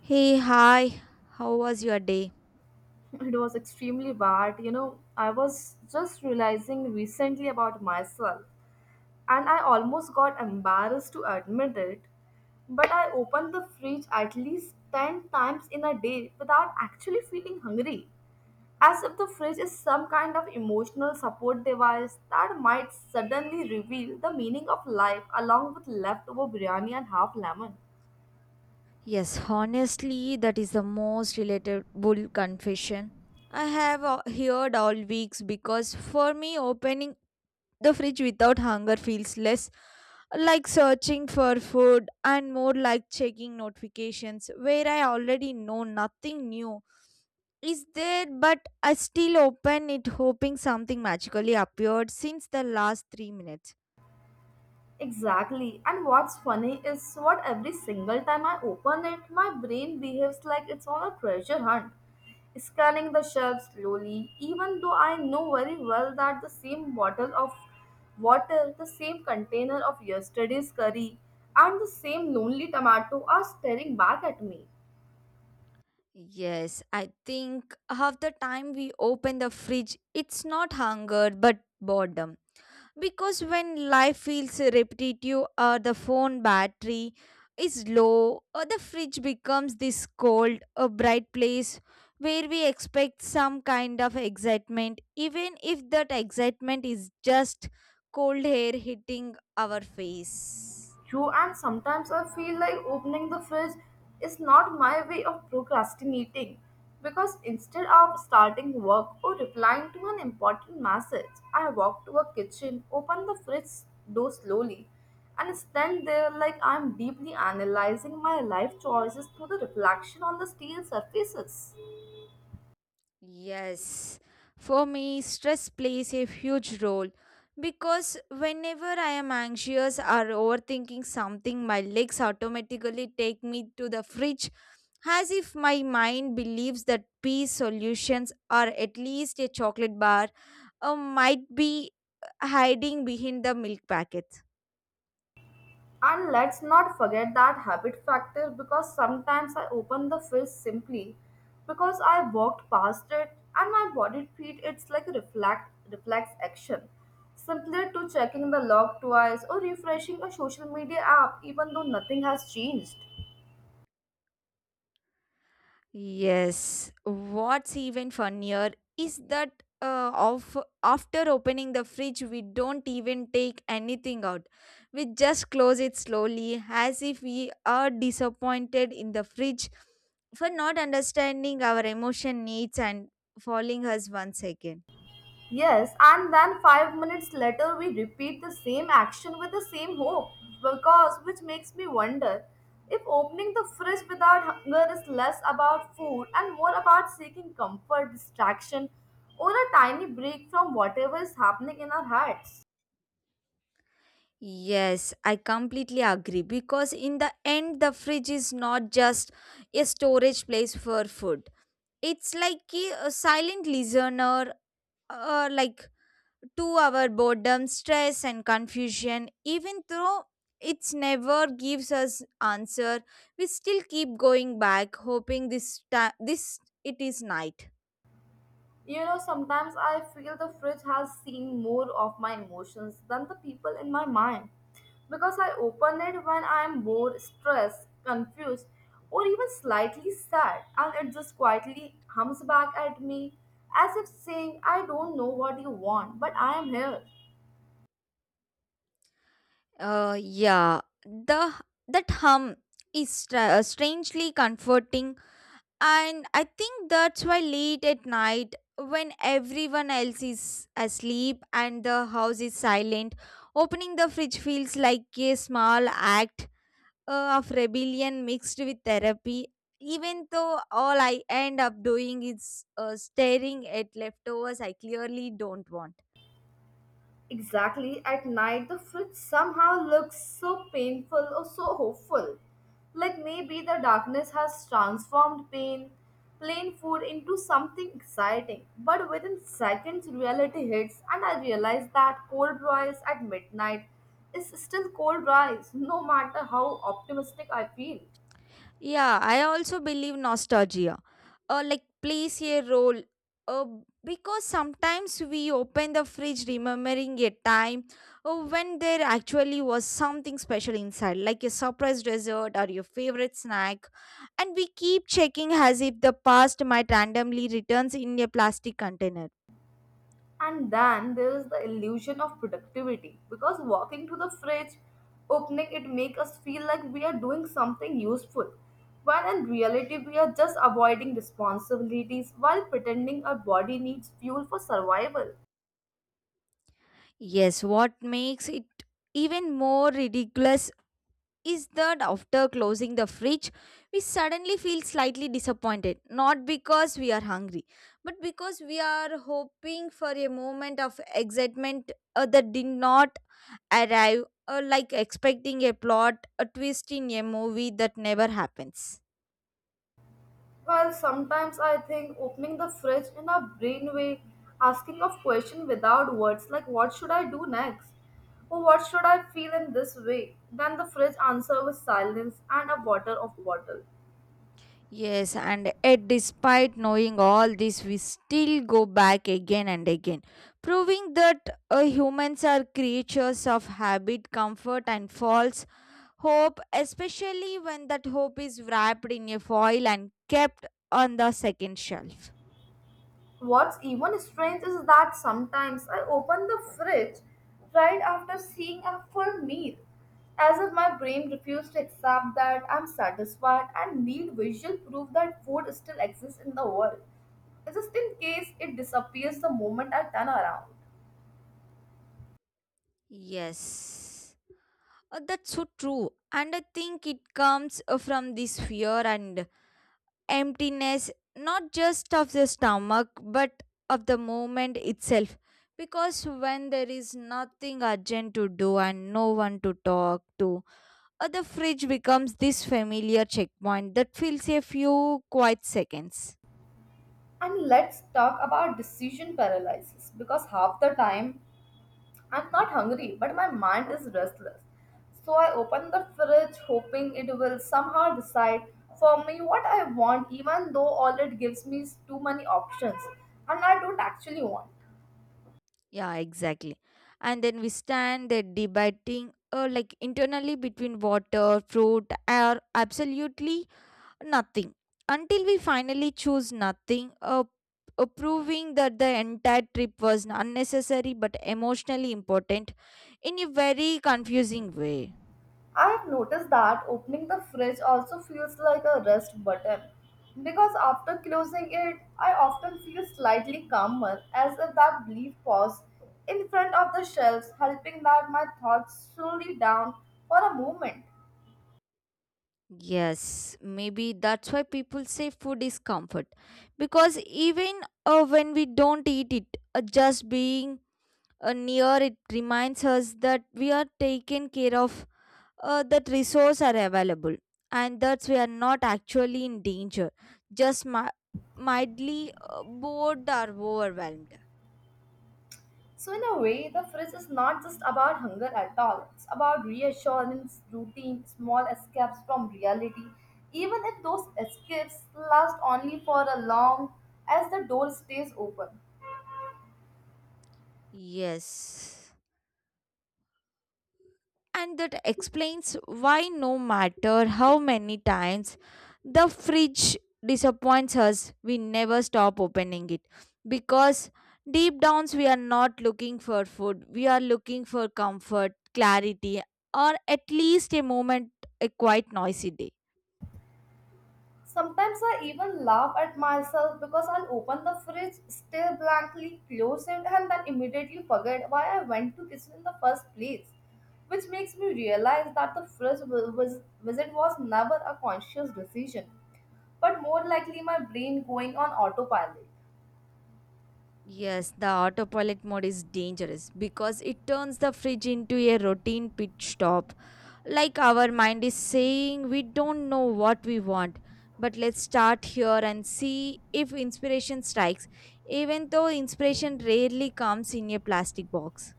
Hey, hi. How was your day? It was extremely bad. You know, I was just realizing recently about myself, and I almost got embarrassed to admit it. But I opened the fridge at least 10 times in a day without actually feeling hungry. As if the fridge is some kind of emotional support device that might suddenly reveal the meaning of life along with leftover biryani and half lemon. Yes, honestly, that is the most relatable confession I have heard all weeks, because for me, opening the fridge without hunger feels less like searching for food and more like checking notifications where I already know nothing new is there, but I still open it hoping something magically appeared since the last 3 minutes. Exactly. And what's funny is what every single time I open it, my brain behaves like it's on a treasure hunt, scanning the shelves slowly, even though I know very well that the same bottle of water, the same container of yesterday's curry, and the same lonely tomato are staring back at me. Yes, I think half the time we open the fridge, it's not hunger but boredom. Because when life feels repetitive, or the phone battery is low, or the fridge becomes this cold, a bright place where we expect some kind of excitement, even if that excitement is just cold air hitting our face. True, and sometimes I feel like opening the fridge is not my way of procrastinating because instead of starting work or replying to an important message, I walk to a kitchen, open the fridge door slowly, and stand there like I'm deeply analyzing my life choices through the reflection on the steel surfaces. Yes, for me, stress plays a huge role, because whenever I am anxious or overthinking something, my legs automatically take me to the fridge, as if my mind believes that peace solutions or at least a chocolate bar might be hiding behind the milk packet. And let's not forget that habit factor because sometimes I open the fridge simply because I walked past it and my body treat it's like a reflect reflex action. Simpler to checking the log twice or refreshing a social media app even though nothing has changed. Yes, what's even funnier is that of after opening the fridge, we don't even take anything out. We just close it slowly, as if we are disappointed in the fridge for not understanding our emotion needs and following us once again. Yes, and then 5 minutes later, we repeat the same action with the same hope, because which makes me wonder if opening the fridge without hunger is less about food and more about seeking comfort, distraction, or a tiny break from whatever is happening in our hearts. Yes, I completely agree, because in the end, the fridge is not just a storage place for food. It's like a silent listener, uh, like to our boredom, stress, and confusion. Even though it's never gives us answer, we still keep going back, hoping this time this it is night. You know, sometimes I feel the fridge has seen more of my emotions than the people in my mind because I open it when I am bored, stressed, confused, or even slightly sad, and it just quietly hums back at me as if saying, I don't know what you want, but I am here. Yeah, the that hum is strangely comforting, and I think that's why late at night, when everyone else is asleep and the house is silent, opening the fridge feels like a small act of rebellion mixed with therapy. Even though all I end up doing is staring at leftovers I clearly don't want. Exactly, at night the fridge somehow looks so painful or so hopeful. Like maybe the darkness has transformed pain, plain food into something exciting. But within seconds, reality hits, and I realize that cold rice at midnight is still cold rice, no matter how optimistic I feel. Yeah, I also believe nostalgia plays a role. Uh, because sometimes we open the fridge remembering a time when there actually was something special inside, like a surprise dessert or your favorite snack, and we keep checking as if the past might randomly returns in a plastic container. And then there is the illusion of productivity because walking to the fridge, opening it make us feel like we are doing something useful, when in reality we are just avoiding responsibilities while pretending our body needs fuel for survival. Yes, what makes it even more ridiculous is that after closing the fridge, we suddenly feel slightly disappointed, not because we are hungry, but because we are hoping for a moment of excitement that did not arrive, or like expecting a plot, a twist in a movie that never happens. Well, sometimes I think opening the fridge in a brain way, asking of question without words like what should I do next? Or what should I feel in this way? Then the fridge answer with silence and a water of bottle. Yes, and yet despite knowing all this, we still go back again and again, proving that humans are creatures of habit, comfort, and false hope, especially when that hope is wrapped in a foil and kept on the second shelf. What's even strange is that sometimes I open the fridge right after seeing a full meal, as if my brain refused to accept that I'm satisfied and need visual proof that food still exists in the world, just in case it disappears the moment I turn around. Yes. That's so true. And I think it comes from this fear and emptiness, not just of the stomach, but of the moment itself. Because when there is nothing urgent to do and no one to talk to, the fridge becomes this familiar checkpoint that fills a few quiet seconds. And let's talk about decision paralysis because half the time I'm not hungry, but my mind is restless. So I open the fridge hoping it will somehow decide for me what I want, even though all it gives me is too many options and I don't actually want. Yeah, exactly. And then we stand there debating, internally between water, fruit, air, absolutely nothing. Until we finally choose nothing, proving that the entire trip was unnecessary but emotionally important in a very confusing way. I have noticed that opening the fridge also feels like a rest button because after closing it, I often feel slightly calmer as if that brief pause in front of the shelves helping that my thoughts slowly down for a moment. Yes, maybe that's why people say food is comfort. Because even when we don't eat it, just being near it reminds us that we are taken care of, that resource are available, and that we are not actually in danger, just mildly bored or overwhelmed. So, in a way, the fridge is not just about hunger at all. It's about reassurance, routine, small escapes from reality, even if those escapes last only for a long as the door stays open. Yes, and that explains why, no matter how many times the fridge disappoints us, we never stop opening it, because deep down we are not looking for food. We are looking for comfort, clarity, or at least a moment, a quite noisy day. Sometimes I even laugh at myself because I'll open the fridge, stare blankly, close it, and then immediately forget why I went to kitchen in the first place. Which makes me realize that the fridge visit was never a conscious decision, but more likely my brain going on autopilot. Yes, the autopilot mode is dangerous because it turns the fridge into a routine pit stop. Like our mind is saying, we don't know what we want, but let's start here and see if inspiration strikes, even though inspiration rarely comes in a plastic box.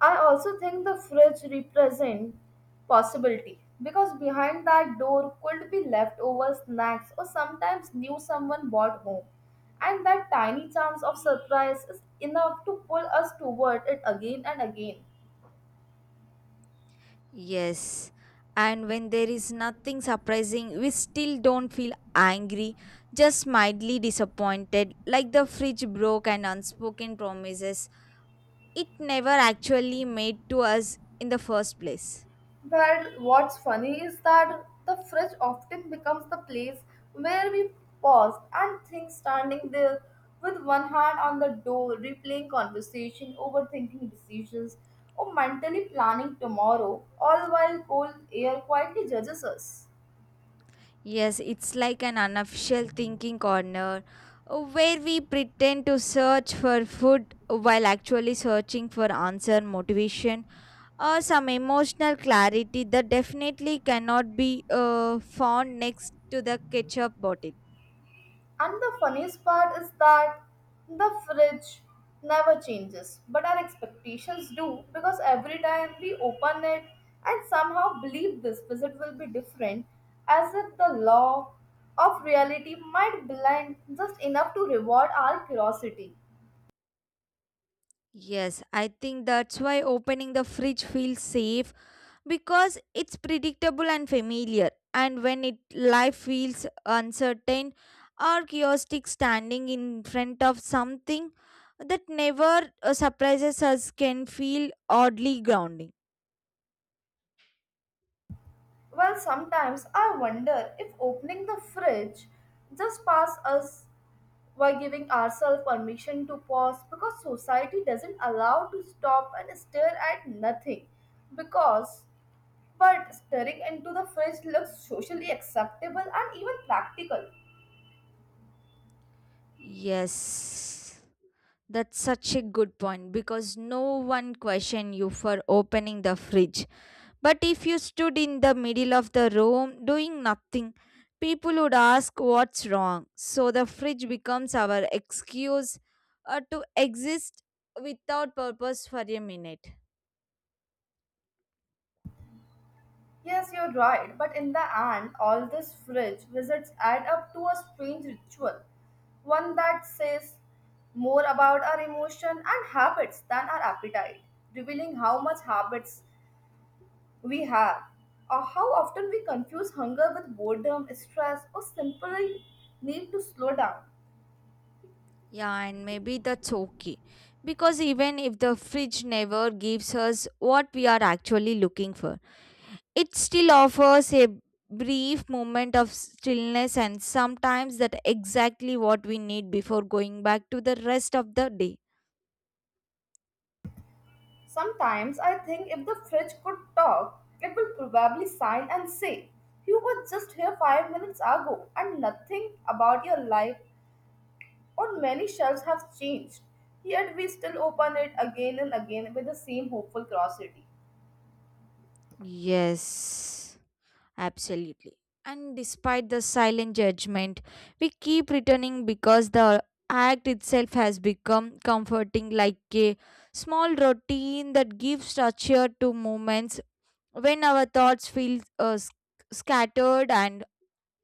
I also think the fridge represent possibility because behind that door could be leftover snacks or sometimes new someone bought home. And that tiny chance of surprise is enough to pull us toward it again and again. Yes, and when there is nothing surprising, we still don't feel angry, just mildly disappointed, like the fridge broke and unspoken promises it never actually made to us in the first place. But what's funny is that the fridge often becomes the place where we pause and think, standing there with one hand on the door, replaying conversation, overthinking decisions, or mentally planning tomorrow, all while cold air quietly judges us. Yes, it's like an unofficial thinking corner, where we pretend to search for food while actually searching for answer, motivation, or some emotional clarity that definitely cannot be found next to the ketchup bottle. And the funniest part is that the fridge never changes, but our expectations do because every time we open it and somehow believe this visit will be different, as if the law of reality might blind just enough to reward our curiosity. Yes, I think that's why opening the fridge feels safe, because it's predictable and familiar. And when it life feels uncertain or chaotic, standing in front of something that never surprises us can feel oddly grounding. Well, sometimes I wonder if opening the fridge just pass us while giving ourselves permission to pause because society doesn't allow to stop and stare at nothing, because but staring into the fridge looks socially acceptable and even practical. Yes. That's such a good point, because no one questioned you for opening the fridge. But if you stood in the middle of the room doing nothing, people would ask what's wrong. So the fridge becomes our excuse to exist without purpose for a minute. Yes, you're right, but in the end all these fridge visits add up to a strange ritual, one that says more about our emotion and habits than our appetite, revealing how much habits we have. Or how often we confuse hunger with boredom, stress, or simply need to slow down. Yeah, and maybe that's okay, because even if the fridge never gives us what we are actually looking for, it still offers a brief moment of stillness, and sometimes that exactly what we need before going back to the rest of the day. Sometimes I think if the fridge could talk, it will probably sign and say, You were just here 5 minutes ago, and nothing about your life or many shelves have changed. Yet we still open it again and again with the same hopeful curiosity. Yes, absolutely. And despite the silent judgment, we keep returning because the act itself has become comforting, like a small routine that gives structure to moments when our thoughts feel scattered and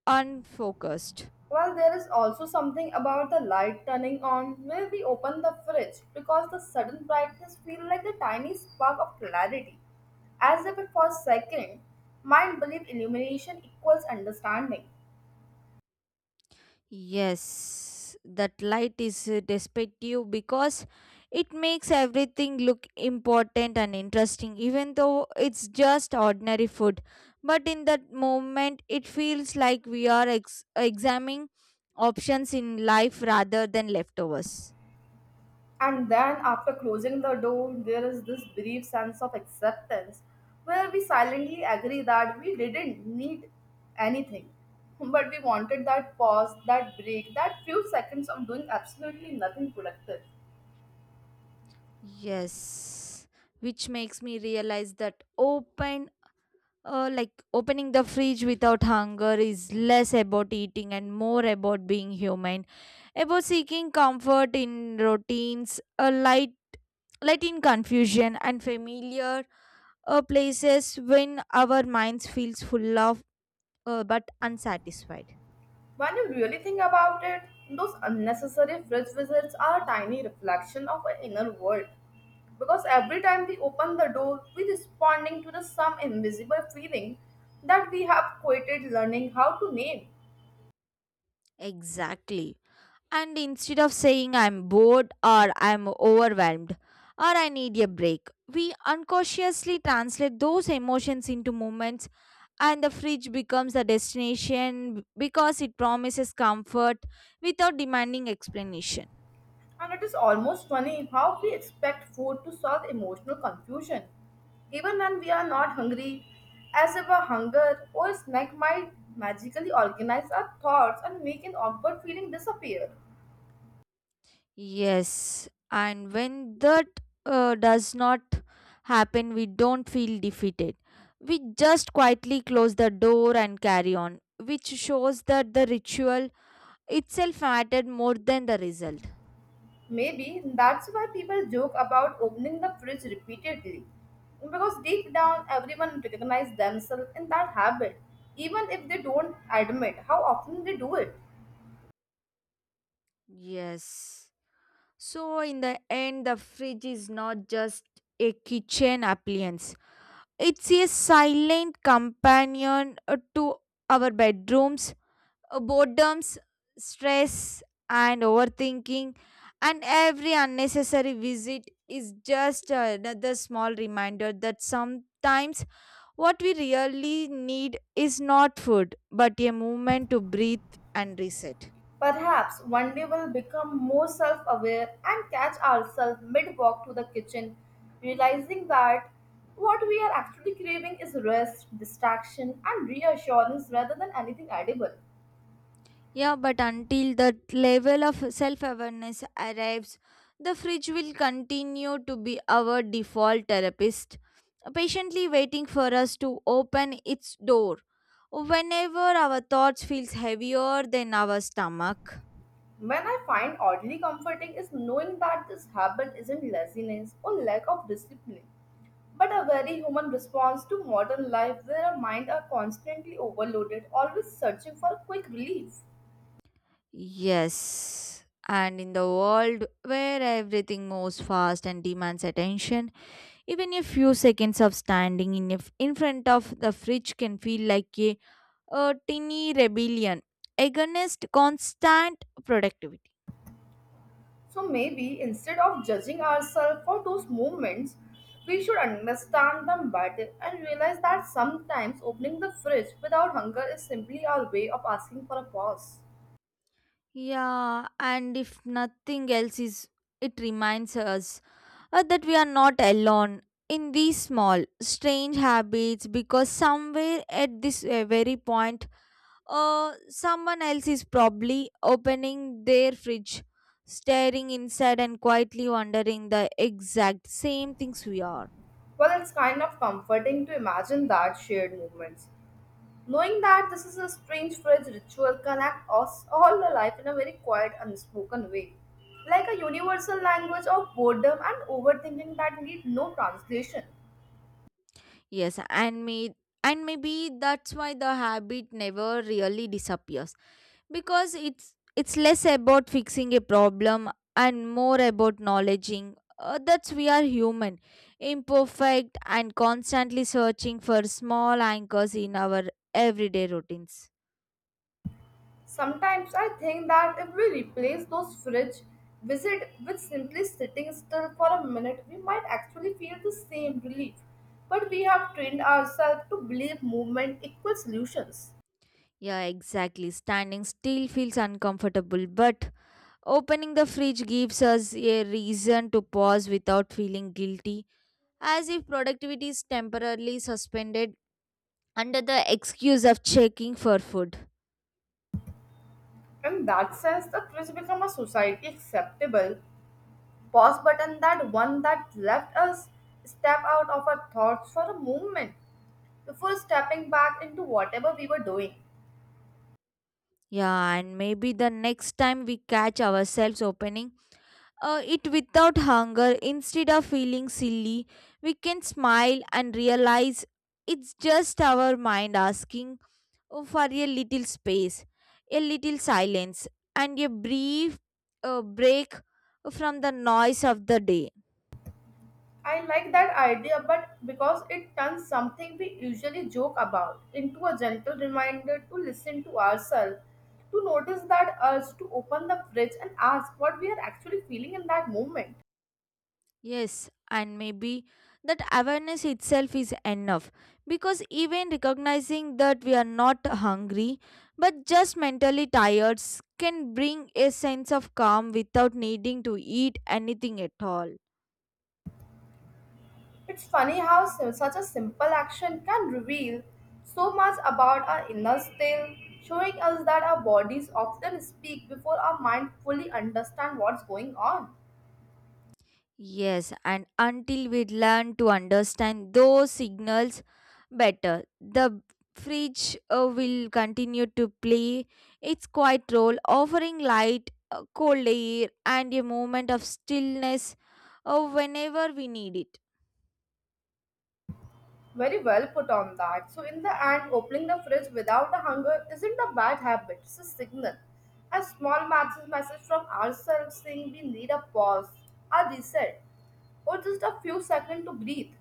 unfocused. Well, there is also something about the light turning on when we open the fridge because the sudden brightness feels like a tiny spark of clarity. As if it for a second, mind believe illumination equals understanding. Yes, that light is deceptive, because it makes everything look important and interesting, even though it's just ordinary food. But in that moment, it feels like we are examining options in life rather than leftovers. And then after closing the door, there is this brief sense of acceptance where we silently agree that we didn't need anything. But we wanted that pause, that break, that few seconds of doing absolutely nothing productive. Yes, which makes me realize that opening the fridge without hunger is less about eating and more about being human, about seeking comfort in routines, a light, in confusion and familiar places, when our minds feels full of but unsatisfied. When you really think about it, those unnecessary fridge visits are a tiny reflection of our inner world. Because every time we open the door, we're responding to the some invisible feeling that we have quitted learning how to name. Exactly. And instead of saying I'm bored, or I'm overwhelmed, or I need a break, we unconsciously translate those emotions into moments, and the fridge becomes a destination because it promises comfort without demanding explanation. And it is almost funny how we expect food to solve emotional confusion. Even when we are not hungry, as if a hunger or a snack might magically organize our thoughts and make an awkward feeling disappear. Yes, and when that does not happen, we don't feel defeated. We just quietly close the door and carry on, which shows that the ritual itself mattered more than the result. Maybe that's why people joke about opening the fridge repeatedly. Because deep down, everyone recognizes themselves in that habit, even if they don't admit how often they do it. Yes. So, in the end, the fridge is not just a kitchen appliance, it's a silent companion, to our bedrooms, boredoms, stress, and overthinking. And every unnecessary visit is just another small reminder that sometimes what we really need is not food, but a movement to breathe and reset. Perhaps one day we'll become more self aware and catch ourselves mid walk to the kitchen, realizing that what we are actually craving is rest, distraction, and reassurance rather than anything edible. Yeah, but until that level of self awareness arrives, the fridge will continue to be our default therapist, patiently waiting for us to open its door whenever our thoughts feels heavier than our stomach. When I find oddly comforting is knowing that this habit isn't laziness or lack of discipline, but a very human response to modern life where our minds are constantly overloaded, always searching for quick relief. Yes. And in the world where everything moves fast and demands attention, even a few seconds of standing in front of the fridge can feel like a tiny rebellion against constant productivity. So maybe instead of judging ourselves for those moments, we should understand them better and realize that sometimes opening the fridge without hunger is simply our way of asking for a pause. Yeah, and if nothing else is, it reminds us that we are not alone in these small, strange habits, because somewhere at this very point, someone else is probably opening their fridge, staring inside and quietly wondering the exact same things we are. Well, it's kind of comforting to imagine that shared moments, knowing that this is a strange fridge ritual connects us all the life in a very quiet, unspoken way, like a universal language of boredom and overthinking that need no translation. Yes, and maybe that's why the habit never really disappears, because it's less about fixing a problem and more about acknowledging that we are human, imperfect, and constantly searching for small anchors in our everyday routines. Sometimes I think that if we replace those fridge visit with simply sitting still for a minute, we might actually feel the same relief. But we have trained ourselves to believe movement equals solutions. Yeah, exactly. Standing still feels uncomfortable, but opening the fridge gives us a reason to pause without feeling guilty, as if productivity is temporarily suspended under the excuse of checking for food. In that sense, the fridge become a society acceptable pause button, that one that left us step out of our thoughts for a moment before stepping back into whatever we were doing. Yeah, and maybe the next time we catch ourselves opening it without hunger, instead of feeling silly, we can smile and realize it's just our mind asking, oh, for a little space, a little silence, and a brief break from the noise of the day. I like that idea, but because it turns something we usually joke about into a gentle reminder to listen to ourselves, to notice that urge to open the fridge and ask what we are actually feeling in that moment. Yes, and maybe that awareness itself is enough, because even recognizing that we are not hungry but just mentally tired can bring a sense of calm without needing to eat anything at all. It's funny how such a simple action can reveal so much about our inner state, showing us that our bodies often speak before our mind fully understand what's going on. Yes, and until we learn to understand those signals better, the fridge will continue to play its quiet role, offering light, cold air, and a moment of stillness whenever we need it. Very well put on that. So in the end, opening the fridge without a hunger isn't a bad habit. It's a signal, a small message from ourselves saying we need a pause, a reset, or just a few seconds to breathe.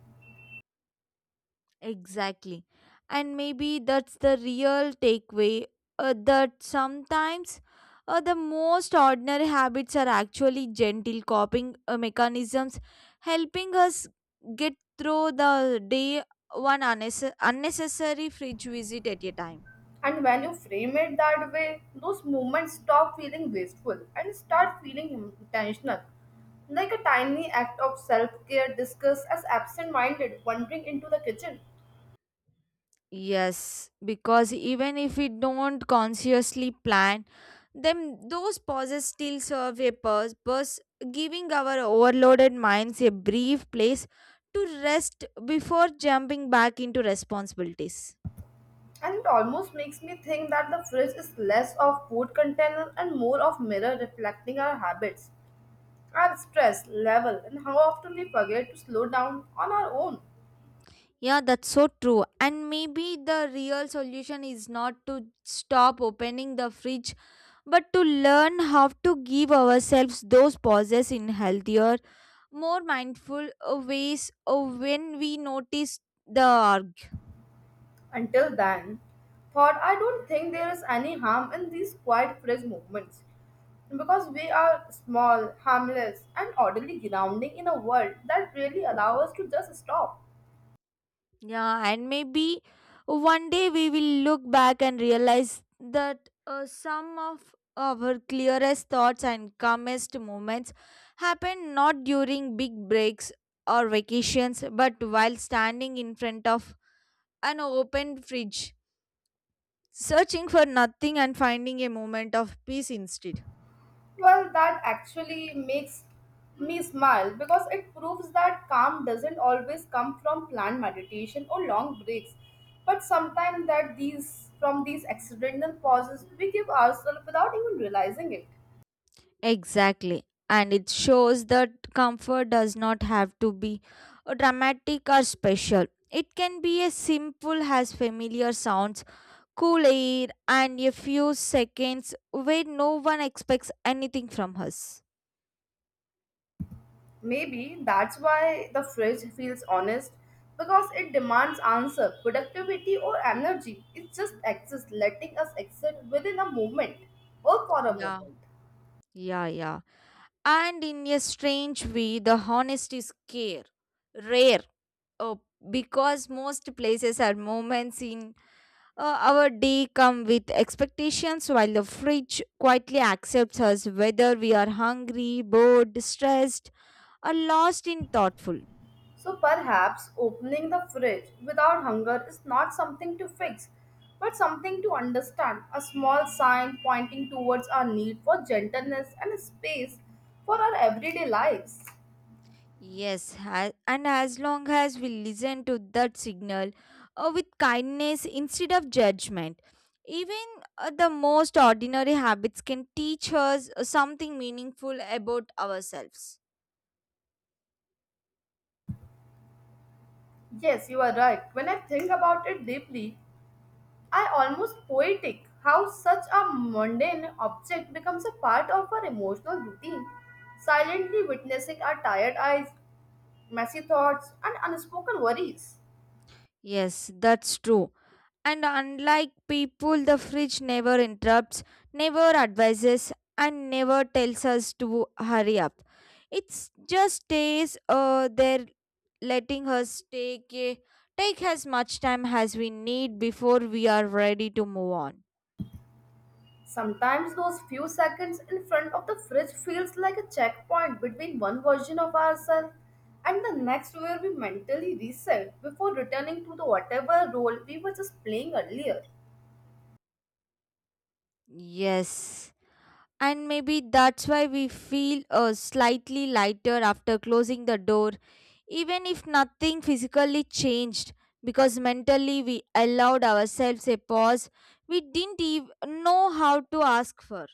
Exactly. And maybe that's the real takeaway, that sometimes the most ordinary habits are actually gentle coping mechanisms, helping us get through the day one unnecessary fridge visit at a time. And when you frame it that way, those moments stop feeling wasteful and start feeling intentional. Like a tiny act of self care discussed as absent minded wandering into the kitchen. Yes, because even if we don't consciously plan, then those pauses still serve a purpose, giving our overloaded minds a brief place to rest before jumping back into responsibilities. And it almost makes me think that the fridge is less of food container and more of mirror reflecting our habits, our stress level, and how often we forget to slow down on our own. Yeah, that's so true. And maybe the real solution is not to stop opening the fridge, but to learn how to give ourselves those pauses in healthier more mindful ways when we notice the org. Until then, thought I don't think there is any harm in these quiet fresh movements because we are small, harmless, and orderly grounding in a world that really allows us to just stop. Yeah, and maybe one day we will look back and realize that some of our clearest thoughts and calmest moments happen not during big breaks or vacations, but while standing in front of an open fridge, searching for nothing and finding a moment of peace instead. Well, that actually makes me smile because it proves that calm doesn't always come from planned meditation or long breaks, but sometimes that these from these accidental pauses we give ourselves without even realizing it. Exactly. And it shows that comfort does not have to be dramatic or special. It can be as simple as familiar sounds, cool air, and a few seconds where no one expects anything from us. Maybe that's why the fridge feels honest because it demands answer, productivity, or energy. It just exists, letting us exist within a moment or for a Yeah, moment. yeah, yeah. And in a strange way, the honesty is care, rare, oh, because most places are moments in our day come with expectations while the fridge quietly accepts us whether we are hungry, bored, stressed or lost in thoughtful. So perhaps opening the fridge without hunger is not something to fix, but something to understand. A small sign pointing towards our need for gentleness and space for our everyday lives. Yes, and as long as we listen to that signal with kindness instead of judgment, even the most ordinary habits can teach us something meaningful about ourselves. Yes, you are right. When I think about it deeply, I almost poetic how such a mundane object becomes a part of our emotional routine, silently witnessing our tired eyes, messy thoughts, and unspoken worries. Yes, that's true. And unlike people, the fridge never interrupts, never advises, and never tells us to hurry up. It just stays there, letting us take as much time as we need before we are ready to move on. Sometimes those few seconds in front of the fridge feels like a checkpoint between one version of ourselves and the next where we mentally reset before returning to the whatever role we were just playing earlier. Yes. And maybe that's why we feel slightly lighter after closing the door, even if nothing physically changed, because mentally we allowed ourselves a pause we didn't even know how to ask for.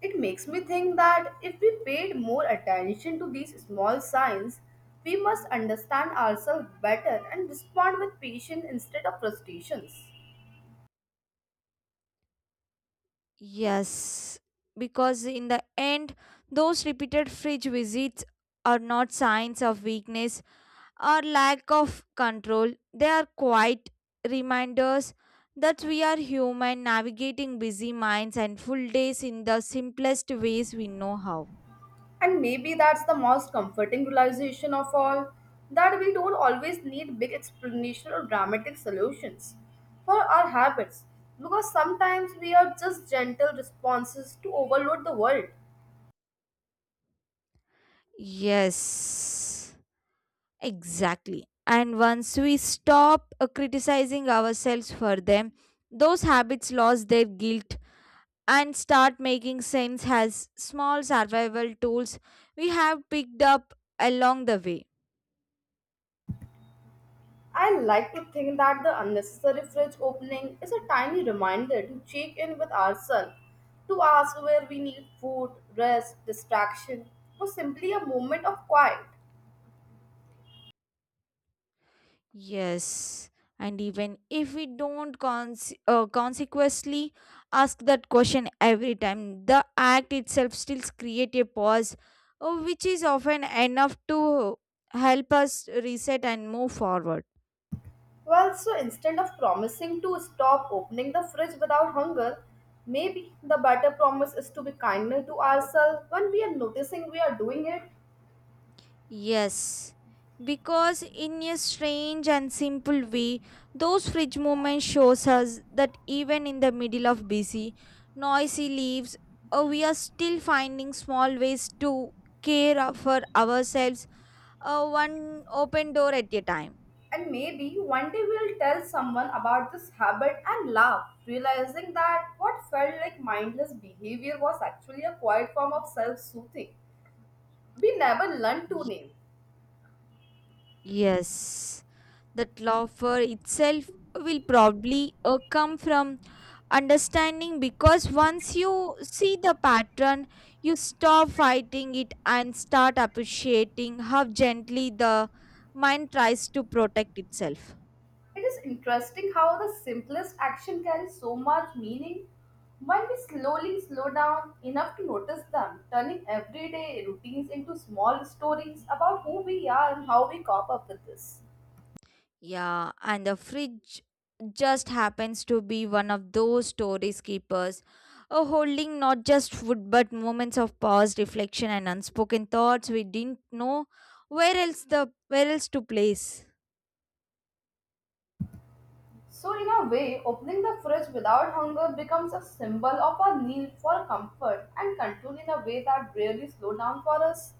It makes me think that if we paid more attention to these small signs, we must understand ourselves better and respond with patience instead of frustrations. Yes, because in the end, those repeated fridge visits are not signs of weakness or lack of control, they are quite reminders that we are human navigating busy minds and full days in the simplest ways we know how. And maybe that's the most comforting realization of all that we don't always need big explanation or dramatic solutions for our habits because sometimes we are just gentle responses to overload the world. Yes, exactly. And once we stop criticizing ourselves for them, those habits lose their guilt and start making sense as small survival tools we have picked up along the way. I like to think that the unnecessary fridge opening is a tiny reminder to check in with ourselves, to ask where we need food, rest, distraction, or simply a moment of quiet. Yes, and even if we don't consequently ask that question every time, the act itself still create a pause, which is often enough to help us reset and move forward. Well, so instead of promising to stop opening the fridge without hunger, maybe the better promise is to be kinder to ourselves when we are noticing we are doing it. Yes, because in a strange and simple way, those fridge moments shows us that even in the middle of busy, noisy lives, we are still finding small ways to for ourselves, one open door at a time. And maybe one day we'll tell someone about this habit and laugh, realizing that what felt like mindless behavior was actually a quiet form of self soothing. We never learned to Ye- name. Yes, that laughter itself will probably come from understanding because once you see the pattern you stop fighting it and start appreciating how gently the mind tries to protect itself. It is interesting how the simplest action carries so much meaning when we slowly slow down enough to notice them, turning everyday routines into small stories about who we are and how we cope up with this. Yeah, and the fridge just happens to be one of those stories keepers, a holding not just food but moments of pause reflection and unspoken thoughts we didn't know where else to place. So, in a way, opening the fridge without hunger becomes a symbol of our need for comfort and control in a way that really slow down for us.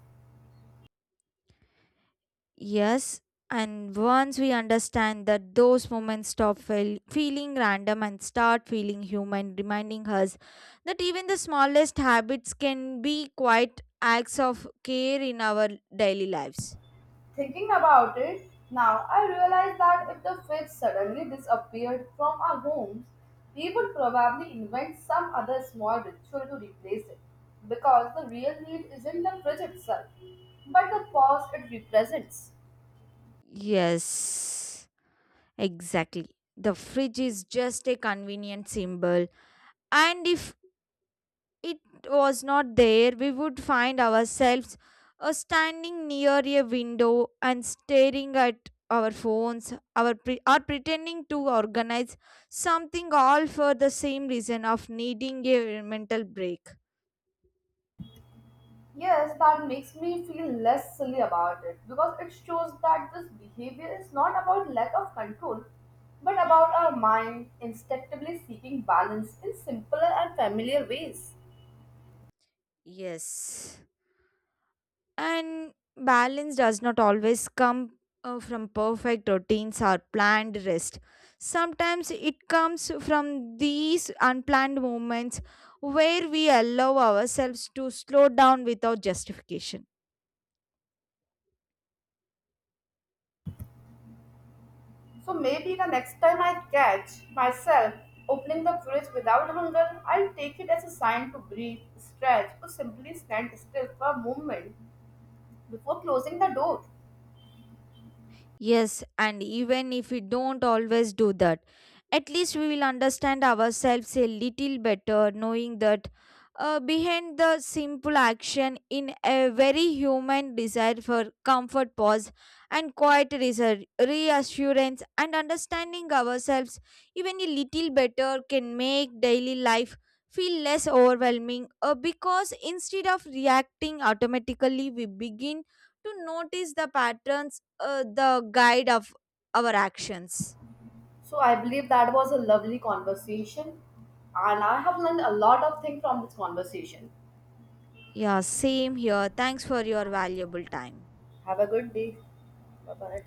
Yes, and once we understand that those moments feeling random and start feeling human, reminding us that even the smallest habits can be quite acts of care in our daily lives. Thinking about it, now I realize that if the fridge suddenly disappeared from our homes, we would probably invent some other small ritual to replace it. Because the real need isn't the fridge itself, but the pause it represents. Yes, exactly. The fridge is just a convenient symbol, and if it was not there, we would find ourselves standing near a window and staring at our phones, or pretending to organize something all for the same reason of needing a mental break. Yes, that makes me feel less silly about it because it shows that this behavior is not about lack of control but about our mind instinctively seeking balance in simpler and familiar ways. Yes. And balance does not always come from perfect routines or planned rest. Sometimes it comes from these unplanned moments where we allow ourselves to slow down without justification. So maybe the next time I catch myself opening the fridge without hunger, I'll take it as a sign to breathe, stretch, or simply stand still for a moment before closing the door. Yes, and even if we don't always do that, at least we will understand ourselves a little better, knowing that behind the simple action in a very human desire for comfort, pause, and quiet reassurance, and understanding ourselves even a little better can make daily life feel less overwhelming because instead of reacting automatically, we begin to notice the patterns, the guide of our actions. So I believe that was a lovely conversation, and I have learned a lot of things from this conversation. Yeah, same here. Thanks for your valuable time. Have a good day. Bye bye.